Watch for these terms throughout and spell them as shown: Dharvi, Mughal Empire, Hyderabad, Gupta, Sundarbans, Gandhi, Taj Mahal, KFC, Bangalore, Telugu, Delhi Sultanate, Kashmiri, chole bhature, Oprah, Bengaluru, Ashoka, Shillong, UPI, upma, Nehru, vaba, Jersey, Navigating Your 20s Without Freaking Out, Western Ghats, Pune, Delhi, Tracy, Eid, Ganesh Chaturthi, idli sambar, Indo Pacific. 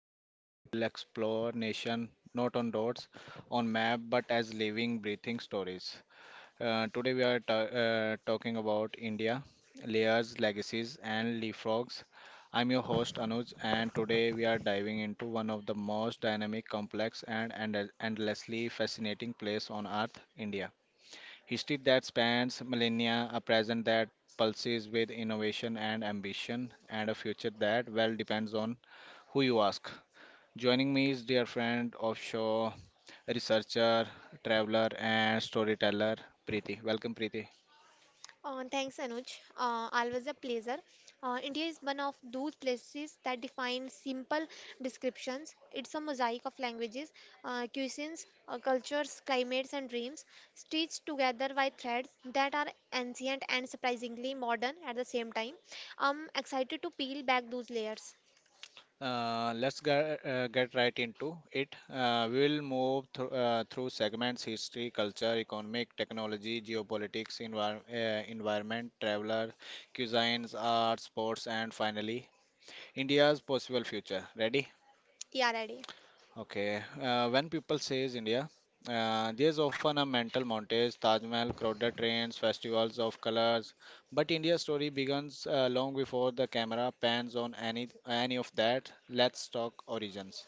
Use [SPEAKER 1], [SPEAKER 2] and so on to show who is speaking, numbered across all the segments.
[SPEAKER 1] where we will explore nation not on dots, on map, but as living, breathing stories. Today, we are talking about India, layers, legacies, and leapfrogs. I'm your host Anuj, and today we are diving into one of the most dynamic, complex, and endlessly fascinating place on Earth, India. History that spans millennia, a present that pulses with innovation and ambition, and a future that well depends on who you ask. Joining me is dear friend, offshore researcher, traveler, and storyteller, Preeti. Welcome, Preeti.
[SPEAKER 2] Thanks, Anuj. Always a pleasure. India is one of those places that define simple descriptions. It's a mosaic of languages, cuisines, cultures, climates, and dreams, stitched together by threads that are ancient and surprisingly modern at the same time. I'm excited to peel back those layers.
[SPEAKER 1] Let's get right into it. We will move through segments history, culture, economic, technology, geopolitics, environment, traveler, cuisines, art, sports, and finally India's possible future. Ready?
[SPEAKER 2] Yeah, ready.
[SPEAKER 1] Okay. When people says India, there's often a mental montage: Taj Mahal, crowded trains, festivals of colors. But India's story begins long before the camera pans on any of that. Let's talk origins.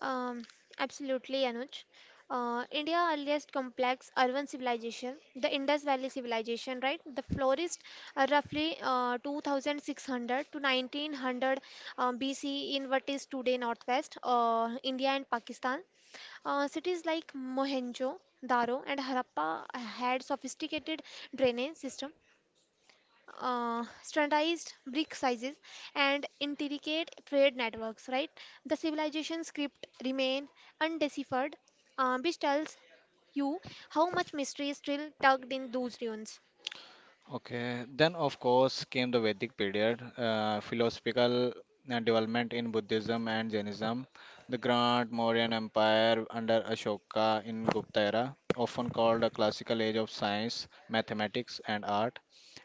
[SPEAKER 2] Um, Absolutely, Anuj. India earliest complex urban civilization, the Indus Valley civilization, right? The flourished roughly 2600 to 1900 BCE in what is today Northwest India and Pakistan. Cities like Mohenjo-daro and Harappa had sophisticated drainage system, standardized brick sizes, and intricate trade networks. Right, the civilization script remain undeciphered, which tells you how much mystery is still tucked in those ruins.
[SPEAKER 1] Okay, then of course came the Vedic period, philosophical development in Buddhism and Jainism, the Grand Mauryan Empire under Ashoka in Gupta era, often called a classical age of science, mathematics, and art,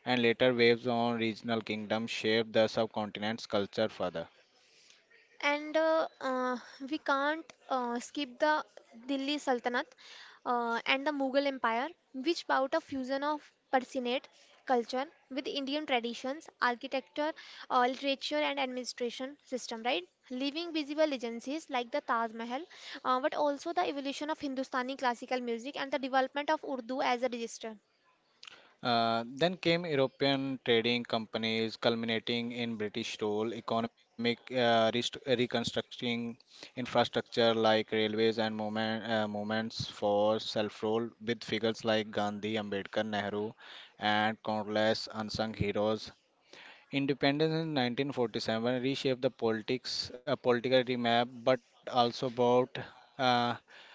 [SPEAKER 1] and later waves on regional kingdoms shaped the subcontinent's culture further.
[SPEAKER 2] And we can't skip the Delhi Sultanate and the Mughal Empire, which brought a fusion of Persianate culture with Indian traditions, architecture, literature, and administration system, right? Leaving visible legacies like the Taj Mahal, but also the evolution of Hindustani classical music and the development of Urdu as a register.
[SPEAKER 1] Then came European trading companies, culminating in British rule, economic reconstructing infrastructure like railways and movements for self-rule, with figures like Gandhi, Ambedkar, Nehru, and countless unsung heroes. Independence in 1947 reshaped the political remap, but also brought uh,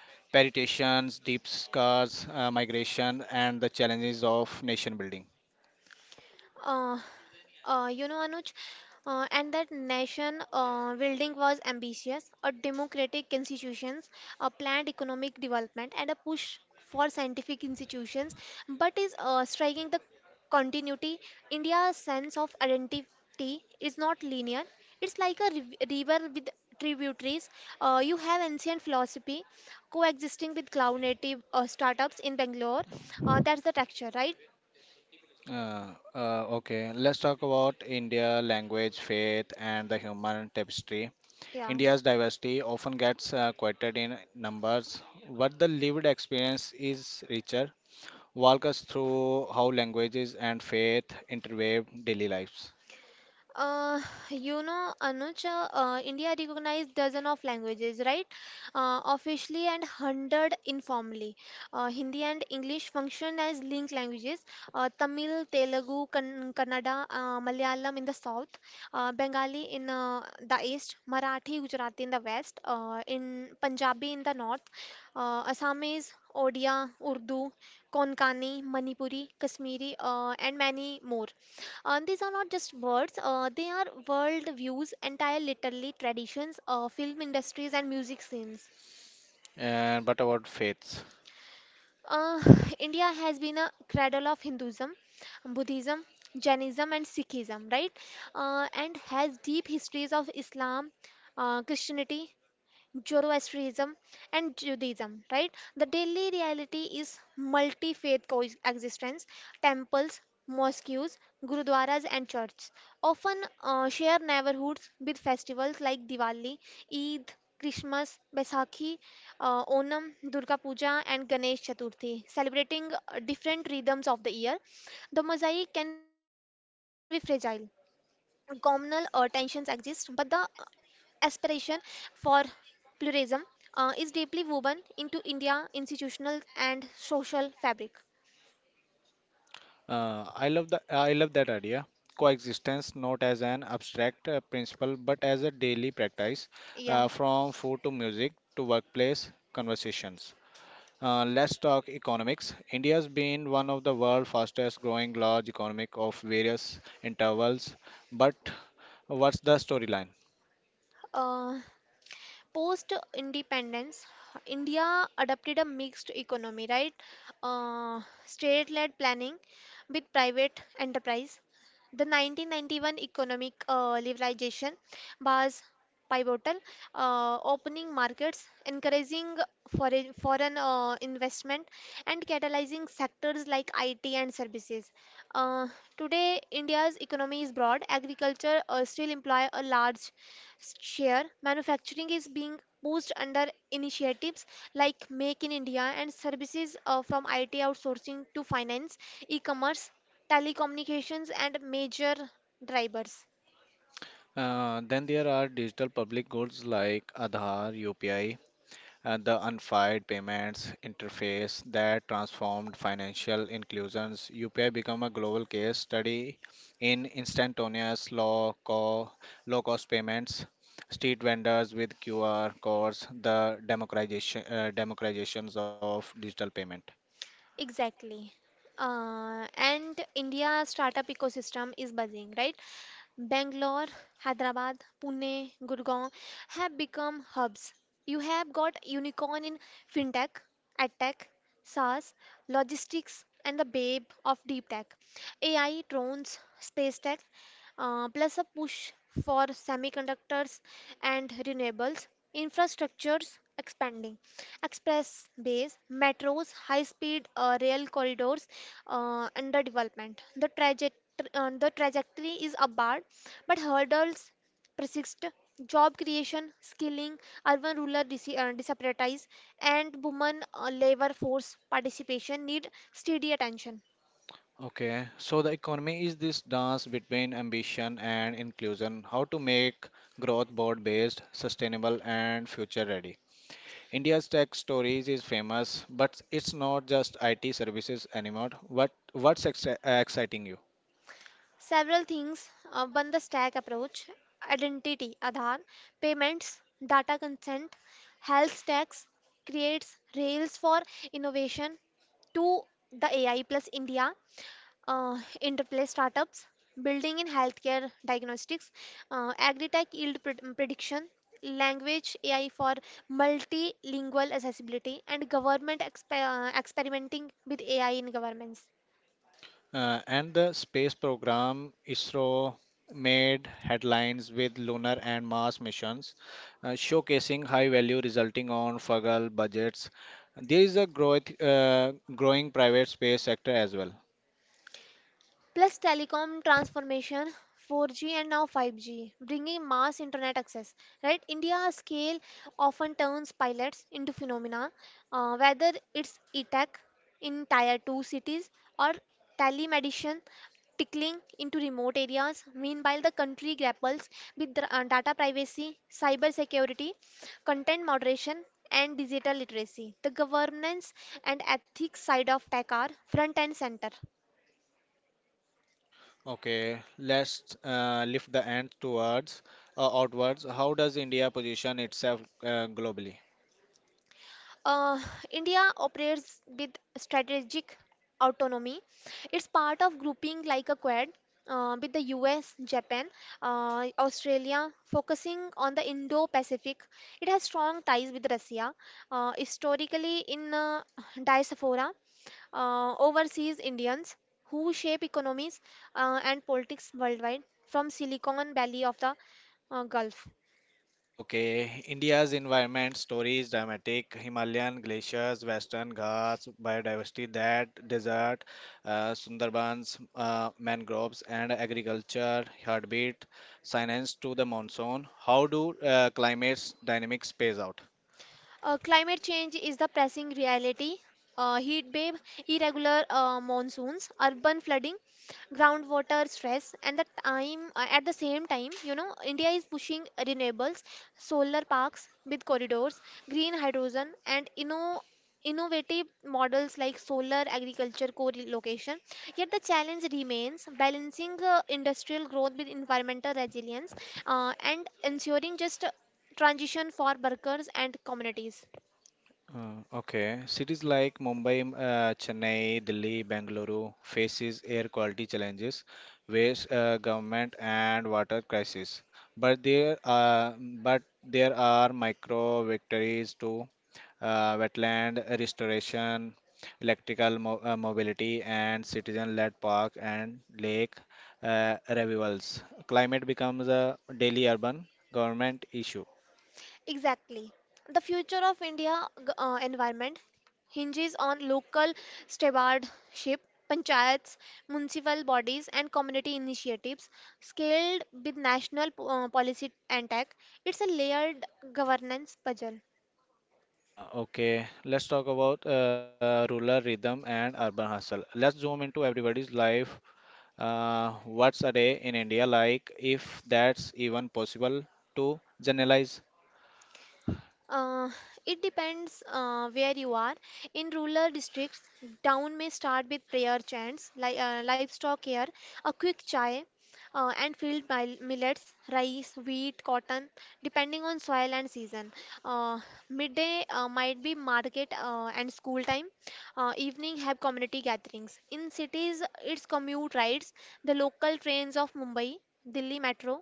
[SPEAKER 1] perturbations, deep scars, migration, and the challenges of nation building.
[SPEAKER 2] Uh, you know, Anuj, and that nation building was ambitious, a democratic institutions, a planned economic development, and a push for scientific institutions, but is striking the continuity. India's sense of identity is not linear. It's like a river with tributaries. You have ancient philosophy coexisting with cloud native startups in Bangalore. That's the texture, right?
[SPEAKER 1] Uh, okay, let's talk about India, language, faith, and the human tapestry.
[SPEAKER 2] Yeah.
[SPEAKER 1] India's diversity often gets quoted in numbers, but the lived experience is richer. Walk us through how languages and faith interweave daily lives.
[SPEAKER 2] Uh, you know, Anuj, India recognized dozen of languages, right? Officially and hundred informally. Hindi and English function as linked languages. Tamil, Telugu, Kannada, Malayalam in the south, Bengali in the east, Marathi, Gujarati in the west, in Punjabi in the north, Assamese, Odia, Urdu, Konkani, Manipuri, Kashmiri, and many more. These are not just words; they are world views, entire literally traditions, film industries, and music scenes.
[SPEAKER 1] And but about faiths?
[SPEAKER 2] Uh, India has been a cradle of Hinduism, Buddhism, Jainism, and Sikhism, right? And has deep histories of Islam, Christianity, Zoroastrianism, and Judaism, right? The daily reality is multi faith coexistence. Temples, mosques, gurudwaras, and churches often share neighborhoods with festivals like Diwali, Eid, Christmas, Baisakhi, Onam, Durga Puja, and Ganesh Chaturthi, celebrating different rhythms of the year. The mosaic can be fragile. Communal tensions exist, but the aspiration for pluralism is deeply woven into India's institutional and social fabric.
[SPEAKER 1] I love the I love that idea. Coexistence, not as an abstract principle, but as a daily practice,
[SPEAKER 2] Yeah.
[SPEAKER 1] from food to music to workplace conversations. Let's talk economics. India's been one of the world's fastest growing large economic of various intervals. But what's the storyline?
[SPEAKER 2] Uh, Post independence, India adopted a mixed economy, right? State led planning with private enterprise. The 1991 economic liberalization was pivotal, opening markets, encouraging foreign investment, and catalyzing sectors like IT and services. Uh, Today, India's economy is broad. Agriculture still employ a large share. Manufacturing is being pushed under initiatives like Make in India, and services from IT outsourcing to finance, e-commerce, telecommunications, and major drivers.
[SPEAKER 1] Then there are digital public goods like Aadhaar, UPI, and the unified payments interface that transformed financial inclusions. UPI became a global case study in instantaneous low, low cost payments, street vendors with QR codes, the democratizations of digital payment.
[SPEAKER 2] Exactly. And India startup ecosystem is buzzing, right? Bangalore, Hyderabad, Pune, Gurgaon have become hubs. You have got unicorn in fintech, edtech, SaaS, logistics, and the babe of deep tech, AI, drones, space tech, plus a push for semiconductors and renewables, infrastructures expanding, express bays, metros, high speed rail corridors, and the development. The trajectory is upward, but hurdles persist. Job creation, skilling, urban-rural disparities, and women labor force participation need steady attention.
[SPEAKER 1] Okay, so the economy is this dance between ambition and inclusion, how to make growth board based, sustainable, and future ready. India's tech stories is famous, but it's not just IT services anymore. What's exciting you?
[SPEAKER 2] Several things. One, the stack approach, identity, Aadhaar, payments, data consent, health tax creates rails for innovation to the AI plus India interplay startups, building in healthcare diagnostics, agri-tech yield prediction, language AI for multilingual accessibility, and government experimenting with AI in governments.
[SPEAKER 1] And the space program ISRO made headlines with lunar and Mars missions, showcasing high value resulting on frugal budgets. There is a growing private space sector as well.
[SPEAKER 2] Plus telecom transformation, 4G and now 5G bringing mass internet access. Right, India's scale often turns pilots into phenomena, whether it's e-tech in tier 2 cities or telemedicine tickling into remote areas. Meanwhile, the country grapples with data privacy, cyber security, content moderation, and digital literacy. The governance and ethics side of tech are front and center.
[SPEAKER 1] Okay, let's lift the ant towards outwards. How does India position itself globally?
[SPEAKER 2] Uh, India operates with strategic autonomy. It's part of grouping like a quad with the US, Japan, Australia, focusing on the Indo Pacific. It has strong ties with Russia, historically in diaspora, overseas Indians who shape economies and politics worldwide from Silicon Valley of the Gulf.
[SPEAKER 1] Okay, India's environment story is dramatic. Himalayan glaciers, Western Ghats, biodiversity, that desert, Sundarbans, mangroves, and agriculture, heartbeat, science to the monsoon. How do climates dynamics plays out?
[SPEAKER 2] Climate change is the pressing reality. Heat wave, irregular monsoons, urban flooding, groundwater stress, and the time at the same time, you know, India is pushing renewables, solar parks with corridors, green hydrogen, and innovative models like solar agriculture co-location. Yet the challenge remains balancing industrial growth with environmental resilience and ensuring just transition for workers and communities.
[SPEAKER 1] Okay, cities like Mumbai, Chennai, Delhi, Bengaluru faces air quality challenges, waste, government and water crisis. But there are micro victories too, wetland restoration, electrical mo mobility, and citizen-led park and lake revivals. Climate becomes a daily urban government issue.
[SPEAKER 2] Exactly. The future of India environment hinges on local stewardship, panchayats, municipal bodies, and community initiatives scaled with national policy and tech. It's a layered governance puzzle.
[SPEAKER 1] Okay, let's talk about rural rhythm and urban hustle. Let's zoom into everybody's life. What's a day in India like, if that's even possible to generalize?
[SPEAKER 2] Uh, it depends where you are. In rural districts, town may start with prayer chants, li livestock care, a quick chai, and field millets, rice, wheat, cotton, depending on soil and season. Uh, Midday might be market and school time. Evening have community gatherings. In cities, it's commute rides, the local trains of Mumbai, Delhi Metro,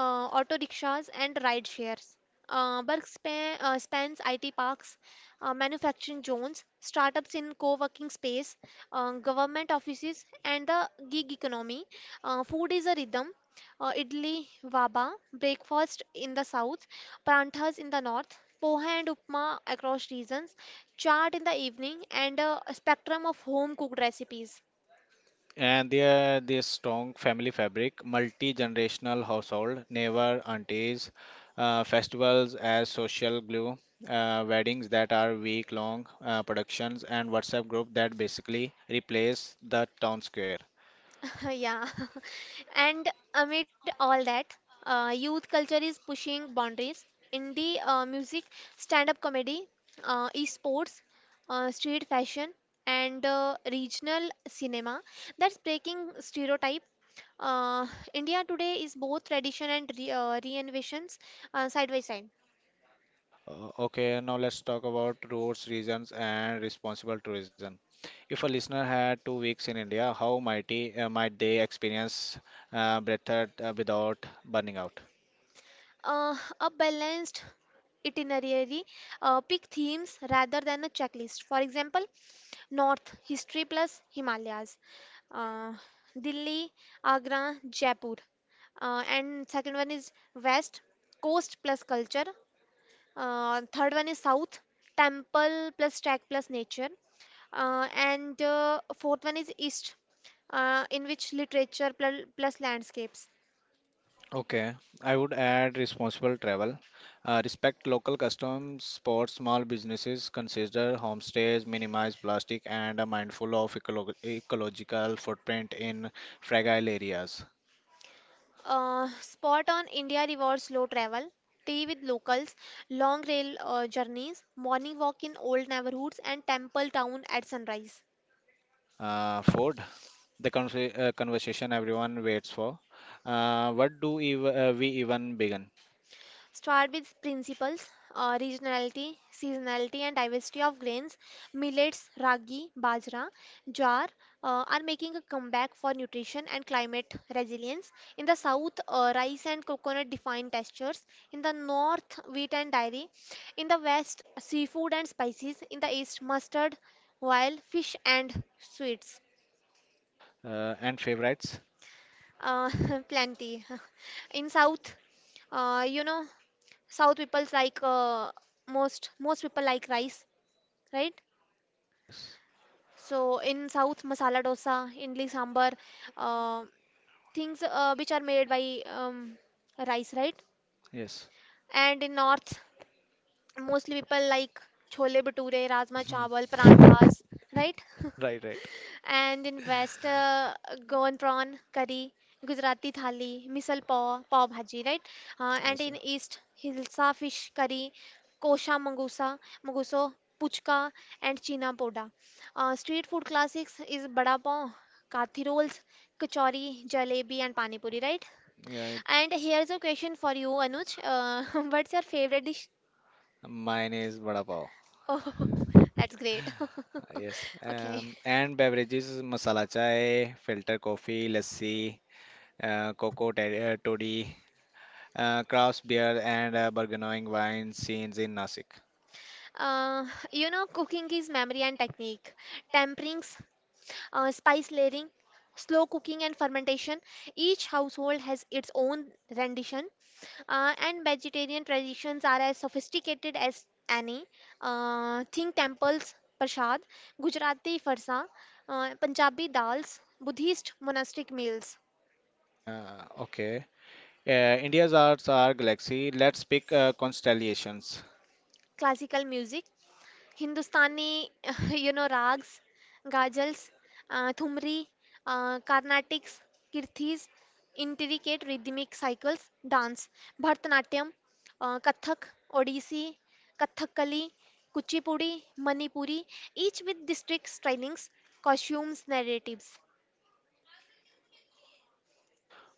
[SPEAKER 2] auto rickshaws, and ride shares. Spans IT parks, manufacturing zones, startups in co-working space, government offices, and the gig economy. Food is a rhythm. Idli, vaba, breakfast in the south, paranthas in the north, poha and upma across regions, chaat in the evening, and a spectrum of home-cooked recipes.
[SPEAKER 1] And there, this strong family fabric, multi-generational household, neighbor, aunties, festivals as social glue, weddings that are week-long productions, and WhatsApp group that basically replace the town square.
[SPEAKER 2] Yeah. And amid all that, youth culture is pushing boundaries. Indie music, stand-up comedy, e-sports, street fashion, and regional cinema. That's breaking stereotype. Uh, India today is both tradition and re reinventions side by side.
[SPEAKER 1] Okay, now let's talk about roads, regions, and responsible tourism. If a listener had 2 weeks in India, how might they experience breathed without burning out?
[SPEAKER 2] A balanced itinerary, pick themes rather than a checklist. For example, North history plus Himalayas, uh, Delhi, Agra, Jaipur, and second one is West coast plus culture. Third one is South temple plus track plus nature, and fourth one is East in which literature plus landscapes.
[SPEAKER 1] Okay, I would add responsible travel. Respect local customs, support small businesses, consider homestays, minimize plastic, and are mindful of ecological footprint in fragile areas.
[SPEAKER 2] Spot on. India rewards slow travel, tea with locals, long rail journeys, morning walk in old neighborhoods, and temple town at sunrise.
[SPEAKER 1] Food. The conversation everyone waits for. What do we even begin?
[SPEAKER 2] Start with principles, regionality, seasonality, and diversity of grains. Millets, ragi, bajra, jar are making a comeback for nutrition and climate resilience. In the south, rice and coconut define textures. In the north, wheat and dairy. In the west, seafood and spices. In the east, mustard, while fish and sweets.
[SPEAKER 1] And favorites?
[SPEAKER 2] Uh, Plenty. In south, you know, South people's like most people like rice, right?
[SPEAKER 1] Yes,
[SPEAKER 2] So in South, masala dosa, idli sambar, uh, things which are made by rice, right?
[SPEAKER 1] yes.
[SPEAKER 2] And in North, mostly people like chole bhature, rajma chawal,
[SPEAKER 1] Mhm.
[SPEAKER 2] paranthas, right?
[SPEAKER 1] Right, right.
[SPEAKER 2] And in West, Goan prawn curry, Gujarati thali, misal pav, pav bhaji, right? And
[SPEAKER 1] Yes,
[SPEAKER 2] in
[SPEAKER 1] sir.
[SPEAKER 2] East, Hilsa fish curry, kosha mangusa, manguso, puchka, and china poda. Street food classics is bada pav, kathi rolls, kachori, jalebi, and pani puri, right?
[SPEAKER 1] Yeah, it-
[SPEAKER 2] And here's a question for you, Anuj. What's your favorite dish?
[SPEAKER 1] Mine is vada pav.
[SPEAKER 2] Oh, that's great.
[SPEAKER 1] Yes.
[SPEAKER 2] Okay.
[SPEAKER 1] And beverages, masala chai, filter coffee, lassi, cocoa toddy, craft beer and burgeoning wine scenes in Nasik.
[SPEAKER 2] Uh, you know, cooking is memory and technique. Temperings, spice layering, slow cooking and fermentation. Each household has its own rendition, and vegetarian traditions are as sophisticated as any. Think temples, prasad, Gujarati farsa, Punjabi dals, Buddhist monastic meals,
[SPEAKER 1] Okay. India's arts are galaxy. Let's pick constellations.
[SPEAKER 2] classical music, Hindustani, you know, rags, ghazals, thumri, Carnatics, kirthis, intricate rhythmic cycles, dance, Bharatanatyam, Kathak, Odissi, Kathakali, Kuchipudi, Manipuri, each with distinct stylings, costumes, narratives.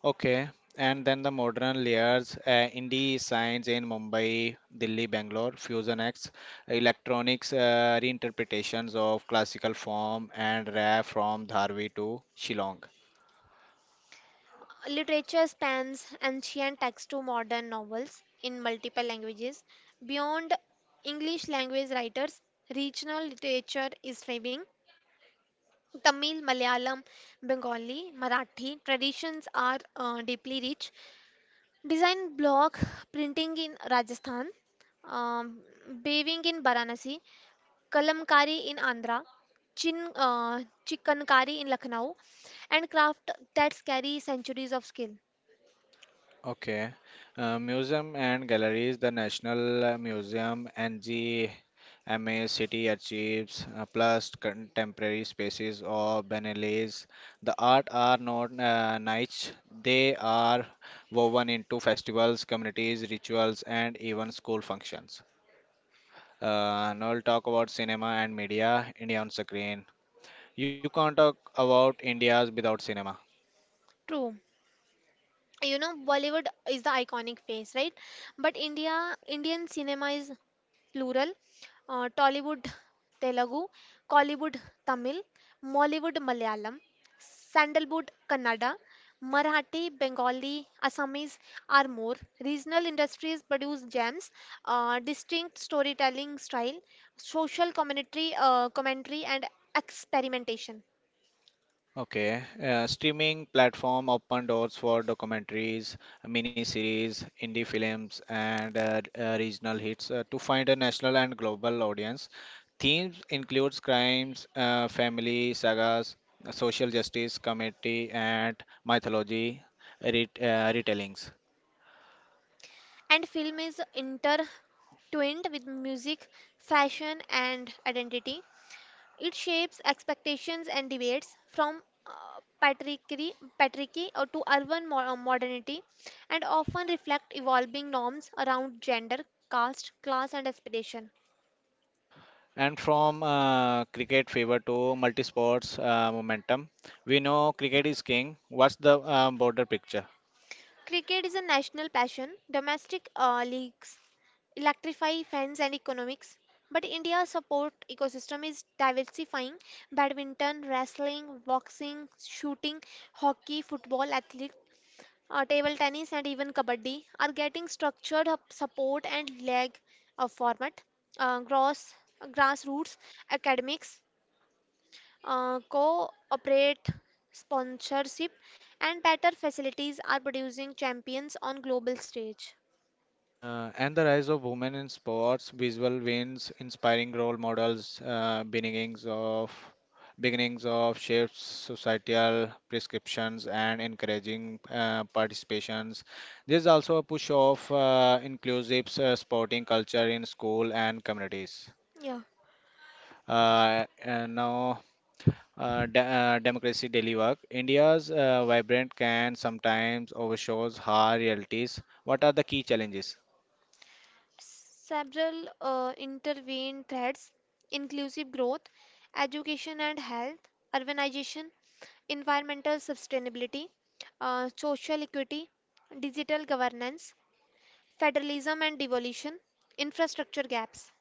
[SPEAKER 1] Okay. And then the modern layers, indie science in Mumbai, Delhi, Bangalore, Fusion X, electronics reinterpretations of classical form and rare from Dharvi to Shillong.
[SPEAKER 2] Literature spans ancient texts to modern novels in multiple languages. Beyond English language writers, regional literature is thriving. Tamil, Malayalam, Bengali, Marathi traditions are deeply rich. Design block printing in Rajasthan, um, weaving in Varanasi, kalamkari in Andhra, chin, uh, chikankari in Lucknow, and craft that carry centuries of skill.
[SPEAKER 1] Okay. Museum and galleries, the National Museum, NGMA City Archives, plus contemporary spaces or Biennales. The art are not niche, they are woven into festivals, communities, rituals, and even school functions. Now we'll talk about cinema and media, India on screen. You can't talk about India's without cinema.
[SPEAKER 2] True. You know, Bollywood is the iconic face, right? But Indian cinema is plural, Tollywood Telugu, Collywood Tamil, Mollywood Malayalam, Sandalwood Kannada, Marathi, Bengali, Assamese are more. Regional industries produce gems, distinct storytelling style, social commentary, and experimentation.
[SPEAKER 1] Okay, streaming platform open doors for documentaries, miniseries, indie films, and regional hits to find a national and global audience. Themes includes crimes, family sagas, social justice, community, and mythology retellings.
[SPEAKER 2] And film is intertwined with music, fashion, and identity. It shapes expectations and debates from patriarchy, patriarchy to urban modernity and often reflect evolving norms around gender, caste, class, and aspiration.
[SPEAKER 1] And from cricket fever to multi-sports momentum, we know cricket is king. What's the broader picture?
[SPEAKER 2] Cricket is a national passion. Domestic leagues electrify fans and economics. But India's support ecosystem is diversifying. Badminton, wrestling, boxing, shooting, hockey, football, athlete, table tennis, and even kabaddi are getting structured up support and leg of format. Gross grassroots academics cooperate sponsorship and better facilities are producing champions on global stage.
[SPEAKER 1] And the rise of women in sports, visual wins, inspiring role models, beginnings of shifts, societal prescriptions, and encouraging participations. There's also a push of inclusive sporting culture in school and communities.
[SPEAKER 2] Yeah,
[SPEAKER 1] And now, democracy daily work. India's vibrant can sometimes overshadows hard realities. What are the key challenges?
[SPEAKER 2] several intervened threads, inclusive growth, education and health, urbanization, environmental sustainability, social equity, digital governance, federalism and devolution, infrastructure gaps.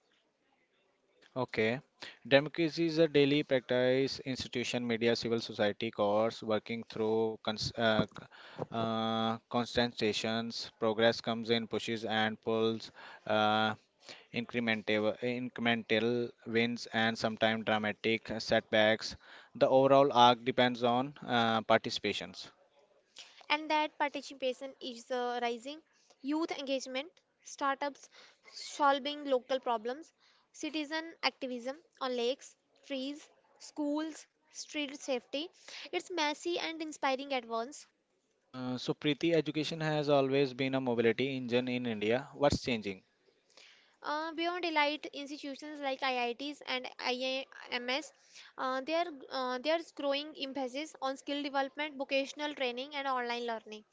[SPEAKER 1] Okay. Democracy is a daily practice, institution, media, civil society course, working through constatations. Progress comes in pushes and pulls, uh, incremental wins, and sometimes dramatic setbacks. The overall arc depends on participations.
[SPEAKER 2] And that participation is rising. Youth engagement, startups solving local problems, citizen activism on lakes, trees, schools, street safety. It's messy and inspiring at once.
[SPEAKER 1] So, Preeti, education has always been a mobility engine in India. What's changing?
[SPEAKER 2] Beyond elite institutions like IITs and IIMs, uh, there, there's growing emphasis on skill development, vocational training, and online learning.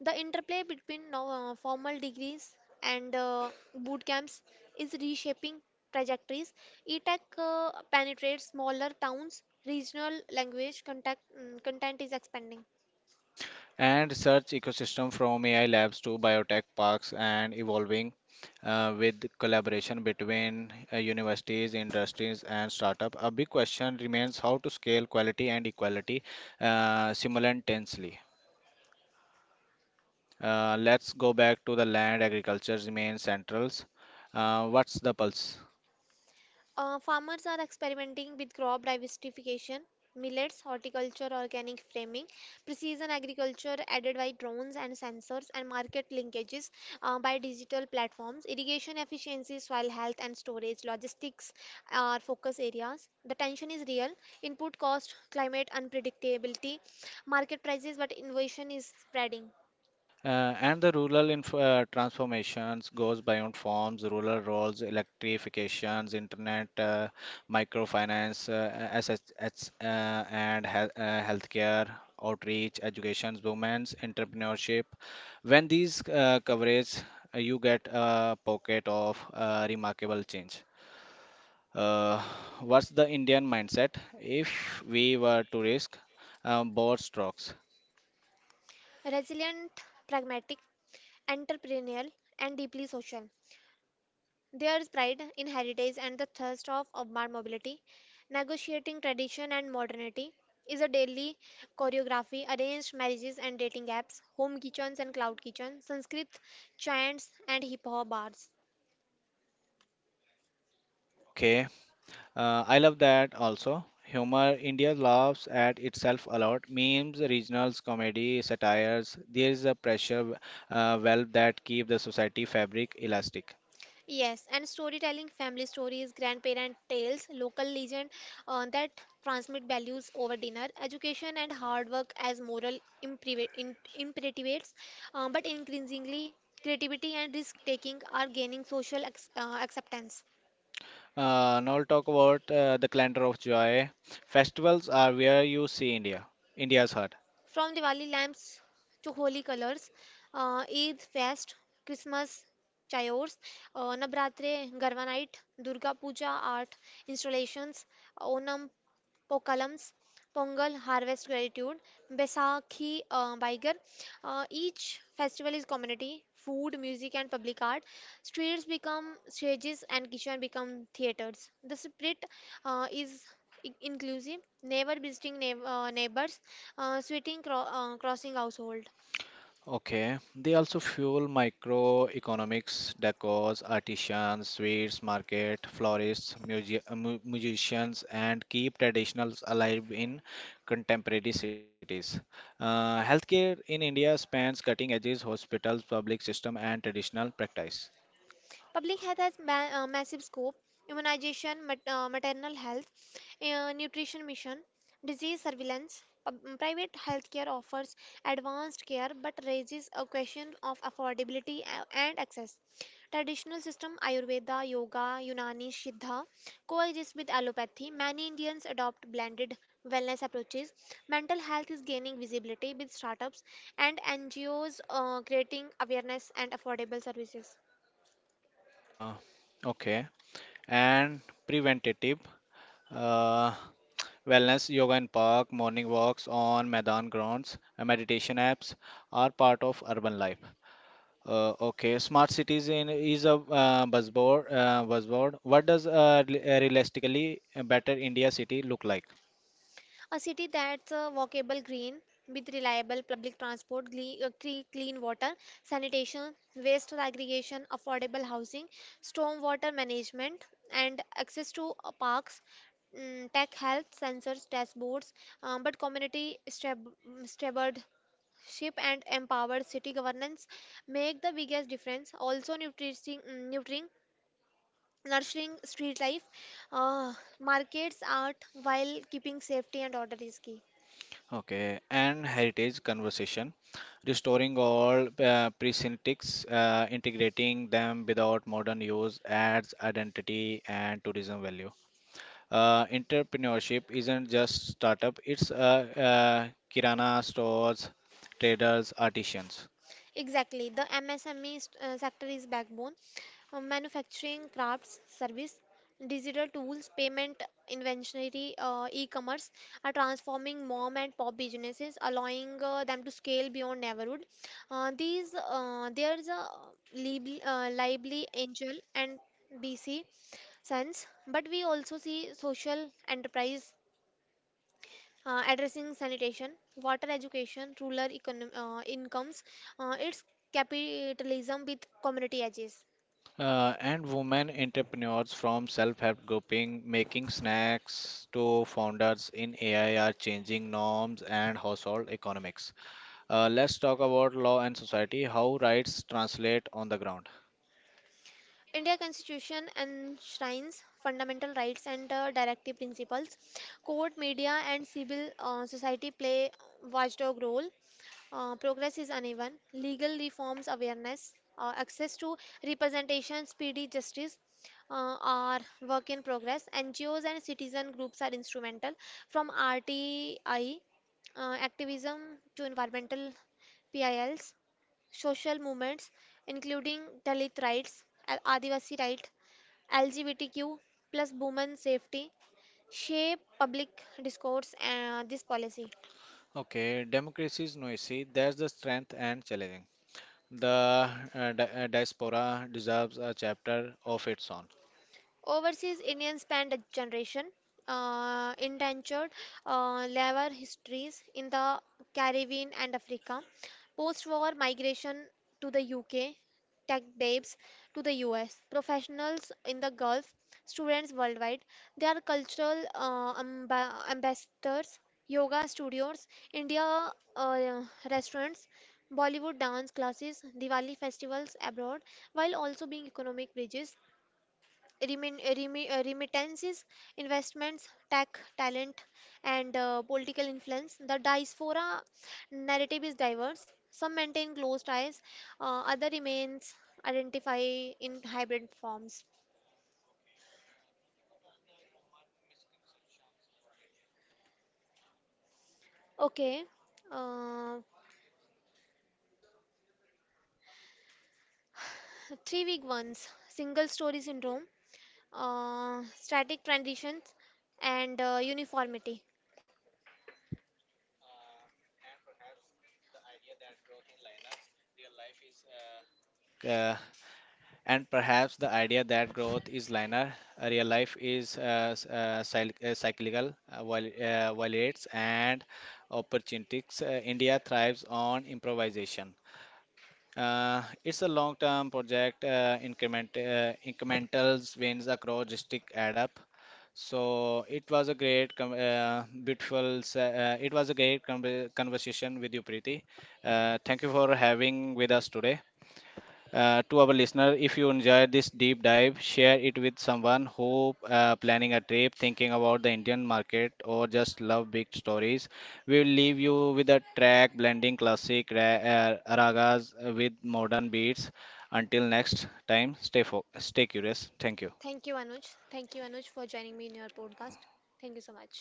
[SPEAKER 2] The interplay between formal degrees and boot camps is reshaping trajectories. E-tech penetrates smaller towns, regional language contact, content is expanding.
[SPEAKER 1] And search ecosystem from AI labs to biotech parks and evolving with collaboration between universities, industries, and startup. A big question remains how to scale quality and equality simultaneously. Let's go back to the land. Agriculture remains central. What's the pulse?
[SPEAKER 2] Farmers are experimenting with crop diversification, millets, horticulture, organic framing, precision agriculture aided by drones and sensors, and market linkages by digital platforms. Irrigation efficiency, soil health and storage, logistics are focus areas. The tension is real. Input cost, climate unpredictability, market prices, but innovation is spreading.
[SPEAKER 1] And the rural inf transformations goes beyond farms, rural roles, electrifications, internet, microfinance, SHS, and he healthcare, outreach, education, women's entrepreneurship. When these coverage, you get a pocket of remarkable change. Uh, what's the Indian mindset? If we were to risk both strokes,
[SPEAKER 2] Resilient, pragmatic, entrepreneurial, and deeply social. Their pride in heritage and the thirst of urban mobility, negotiating tradition and modernity, is a daily choreography, arranged marriages and dating apps, home kitchens and cloud kitchen, Sanskrit chants and hip hop bars.
[SPEAKER 1] okay. I love that also. Humor, India laughs at itself a lot. Memes, regionals, comedy, satires. There is a pressure valve that keep the society fabric elastic.
[SPEAKER 2] Yes, and storytelling, family stories, grandparent tales, local legend that transmit values over dinner, education and hard work as moral imperatives, but increasingly creativity and risk taking are gaining social acceptance.
[SPEAKER 1] Now I'll talk about the calendar of joy. Festivals are where you see India, India's heart.
[SPEAKER 2] From Diwali lamps to holy colors, Eid fest, Christmas chayors, Navratri Garva night, Durga Puja art installations, Onam Pokalams, Pongal, harvest gratitude, Baisakhi, Baigar. Each festival is community, food, music, and public art. Streets become stages, and kitchen become theaters. The spirit is inclusive, never visiting neighbors, sweating crossing household.
[SPEAKER 1] Okay, they also fuel microeconomics, decors, artisans, sweets, market, florists, musicians, and keep traditionals alive in contemporary cities. Healthcare in India spans cutting edges, hospitals, public system, and traditional practice.
[SPEAKER 2] Public health has massive scope, immunization, maternal health, nutrition mission, disease surveillance. Private healthcare offers advanced care but raises a question of affordability and access. Traditional system Ayurveda, Yoga, Unani, Siddha coexist with allopathy. Many Indians adopt blended wellness approaches. Mental health is gaining visibility with startups and NGOs creating awareness and affordable services.
[SPEAKER 1] Uh, okay, and preventative uh, wellness, yoga in park, morning walks on Maidan grounds, and meditation apps are part of urban life. Okay, smart cities in, is a buzzword. Buzzword. What does realistically a better India city look like?
[SPEAKER 2] A city that's walkable, green, with reliable public transport, clean water, sanitation, waste segregation, affordable housing, stormwater management, and access to parks, tech health sensors, dashboards, but community stewardship and empowered city governance make the biggest difference. Also, nutrition, mm, nurturing Nurturing street life, uh, markets, art, while keeping safety and order is key.
[SPEAKER 1] Okay, and heritage conversation, restoring all precincts, integrating them without modern use adds identity and tourism value. Entrepreneurship isn't just startup; it's kirana stores, traders, artisans.
[SPEAKER 2] Exactly. The MSME sector is backbone. Manufacturing, crafts, service, digital tools, payment, inventory, e-commerce are transforming mom and pop businesses, allowing them to scale beyond neighborhood. These There's a lively angel and BC sense, but we also see social enterprise addressing sanitation, water education, rural incomes, its capitalism with community edges.
[SPEAKER 1] And women entrepreneurs from self-help grouping making snacks to founders in AI are changing norms and household economics. Let's talk about law and society, how rights translate on the ground.
[SPEAKER 2] India Constitution enshrines fundamental rights and directive principles. Court, media, and civil society play watchdog role. Progress is uneven. Legal reforms, awareness, access to representation, speedy justice are work in progress. NGOs and citizen groups are instrumental, from RTI activism to environmental PILs, social movements, including Dalit rights, Adivasi right, LGBTQ plus, women safety, shape public discourse and this policy.
[SPEAKER 1] Okay, democracy is noisy. That's the strength and challenging. The diaspora deserves a chapter of its own.
[SPEAKER 2] Overseas Indians spent a generation, indentured labor histories in the Caribbean and Africa. Post-war migration to the UK, tech babes to the US, professionals in the Gulf, students worldwide. They are cultural ambassadors, yoga studios, India uh, restaurants, Bollywood dance classes, Diwali festivals abroad, while also being economic bridges, remittances, investments, tech, talent, and political influence. The diaspora narrative is diverse. Some maintain closed ties, other remains identify in hybrid forms. Okay, uh, 3-week ones, single story syndrome, static transitions, and uniformity.
[SPEAKER 1] Uh, and perhaps the idea that growth is linear, real life is cyclical, violates and opportunities. India thrives on improvisation. It's a long-term project. Incrementals wins across district add up. So it was a beautiful. It was a great conversation with you, Preeti. Thank you for having with us today. To our listener, if you enjoyed this deep dive, share it with someone who planning a trip, thinking about the Indian market, or just love big stories. We will leave you with a track blending classic ragas with modern beats. Until next time, stay curious. Thank you.
[SPEAKER 2] Thank you, Anuj. Thank you, Anuj, for joining me in your podcast. Thank you so much.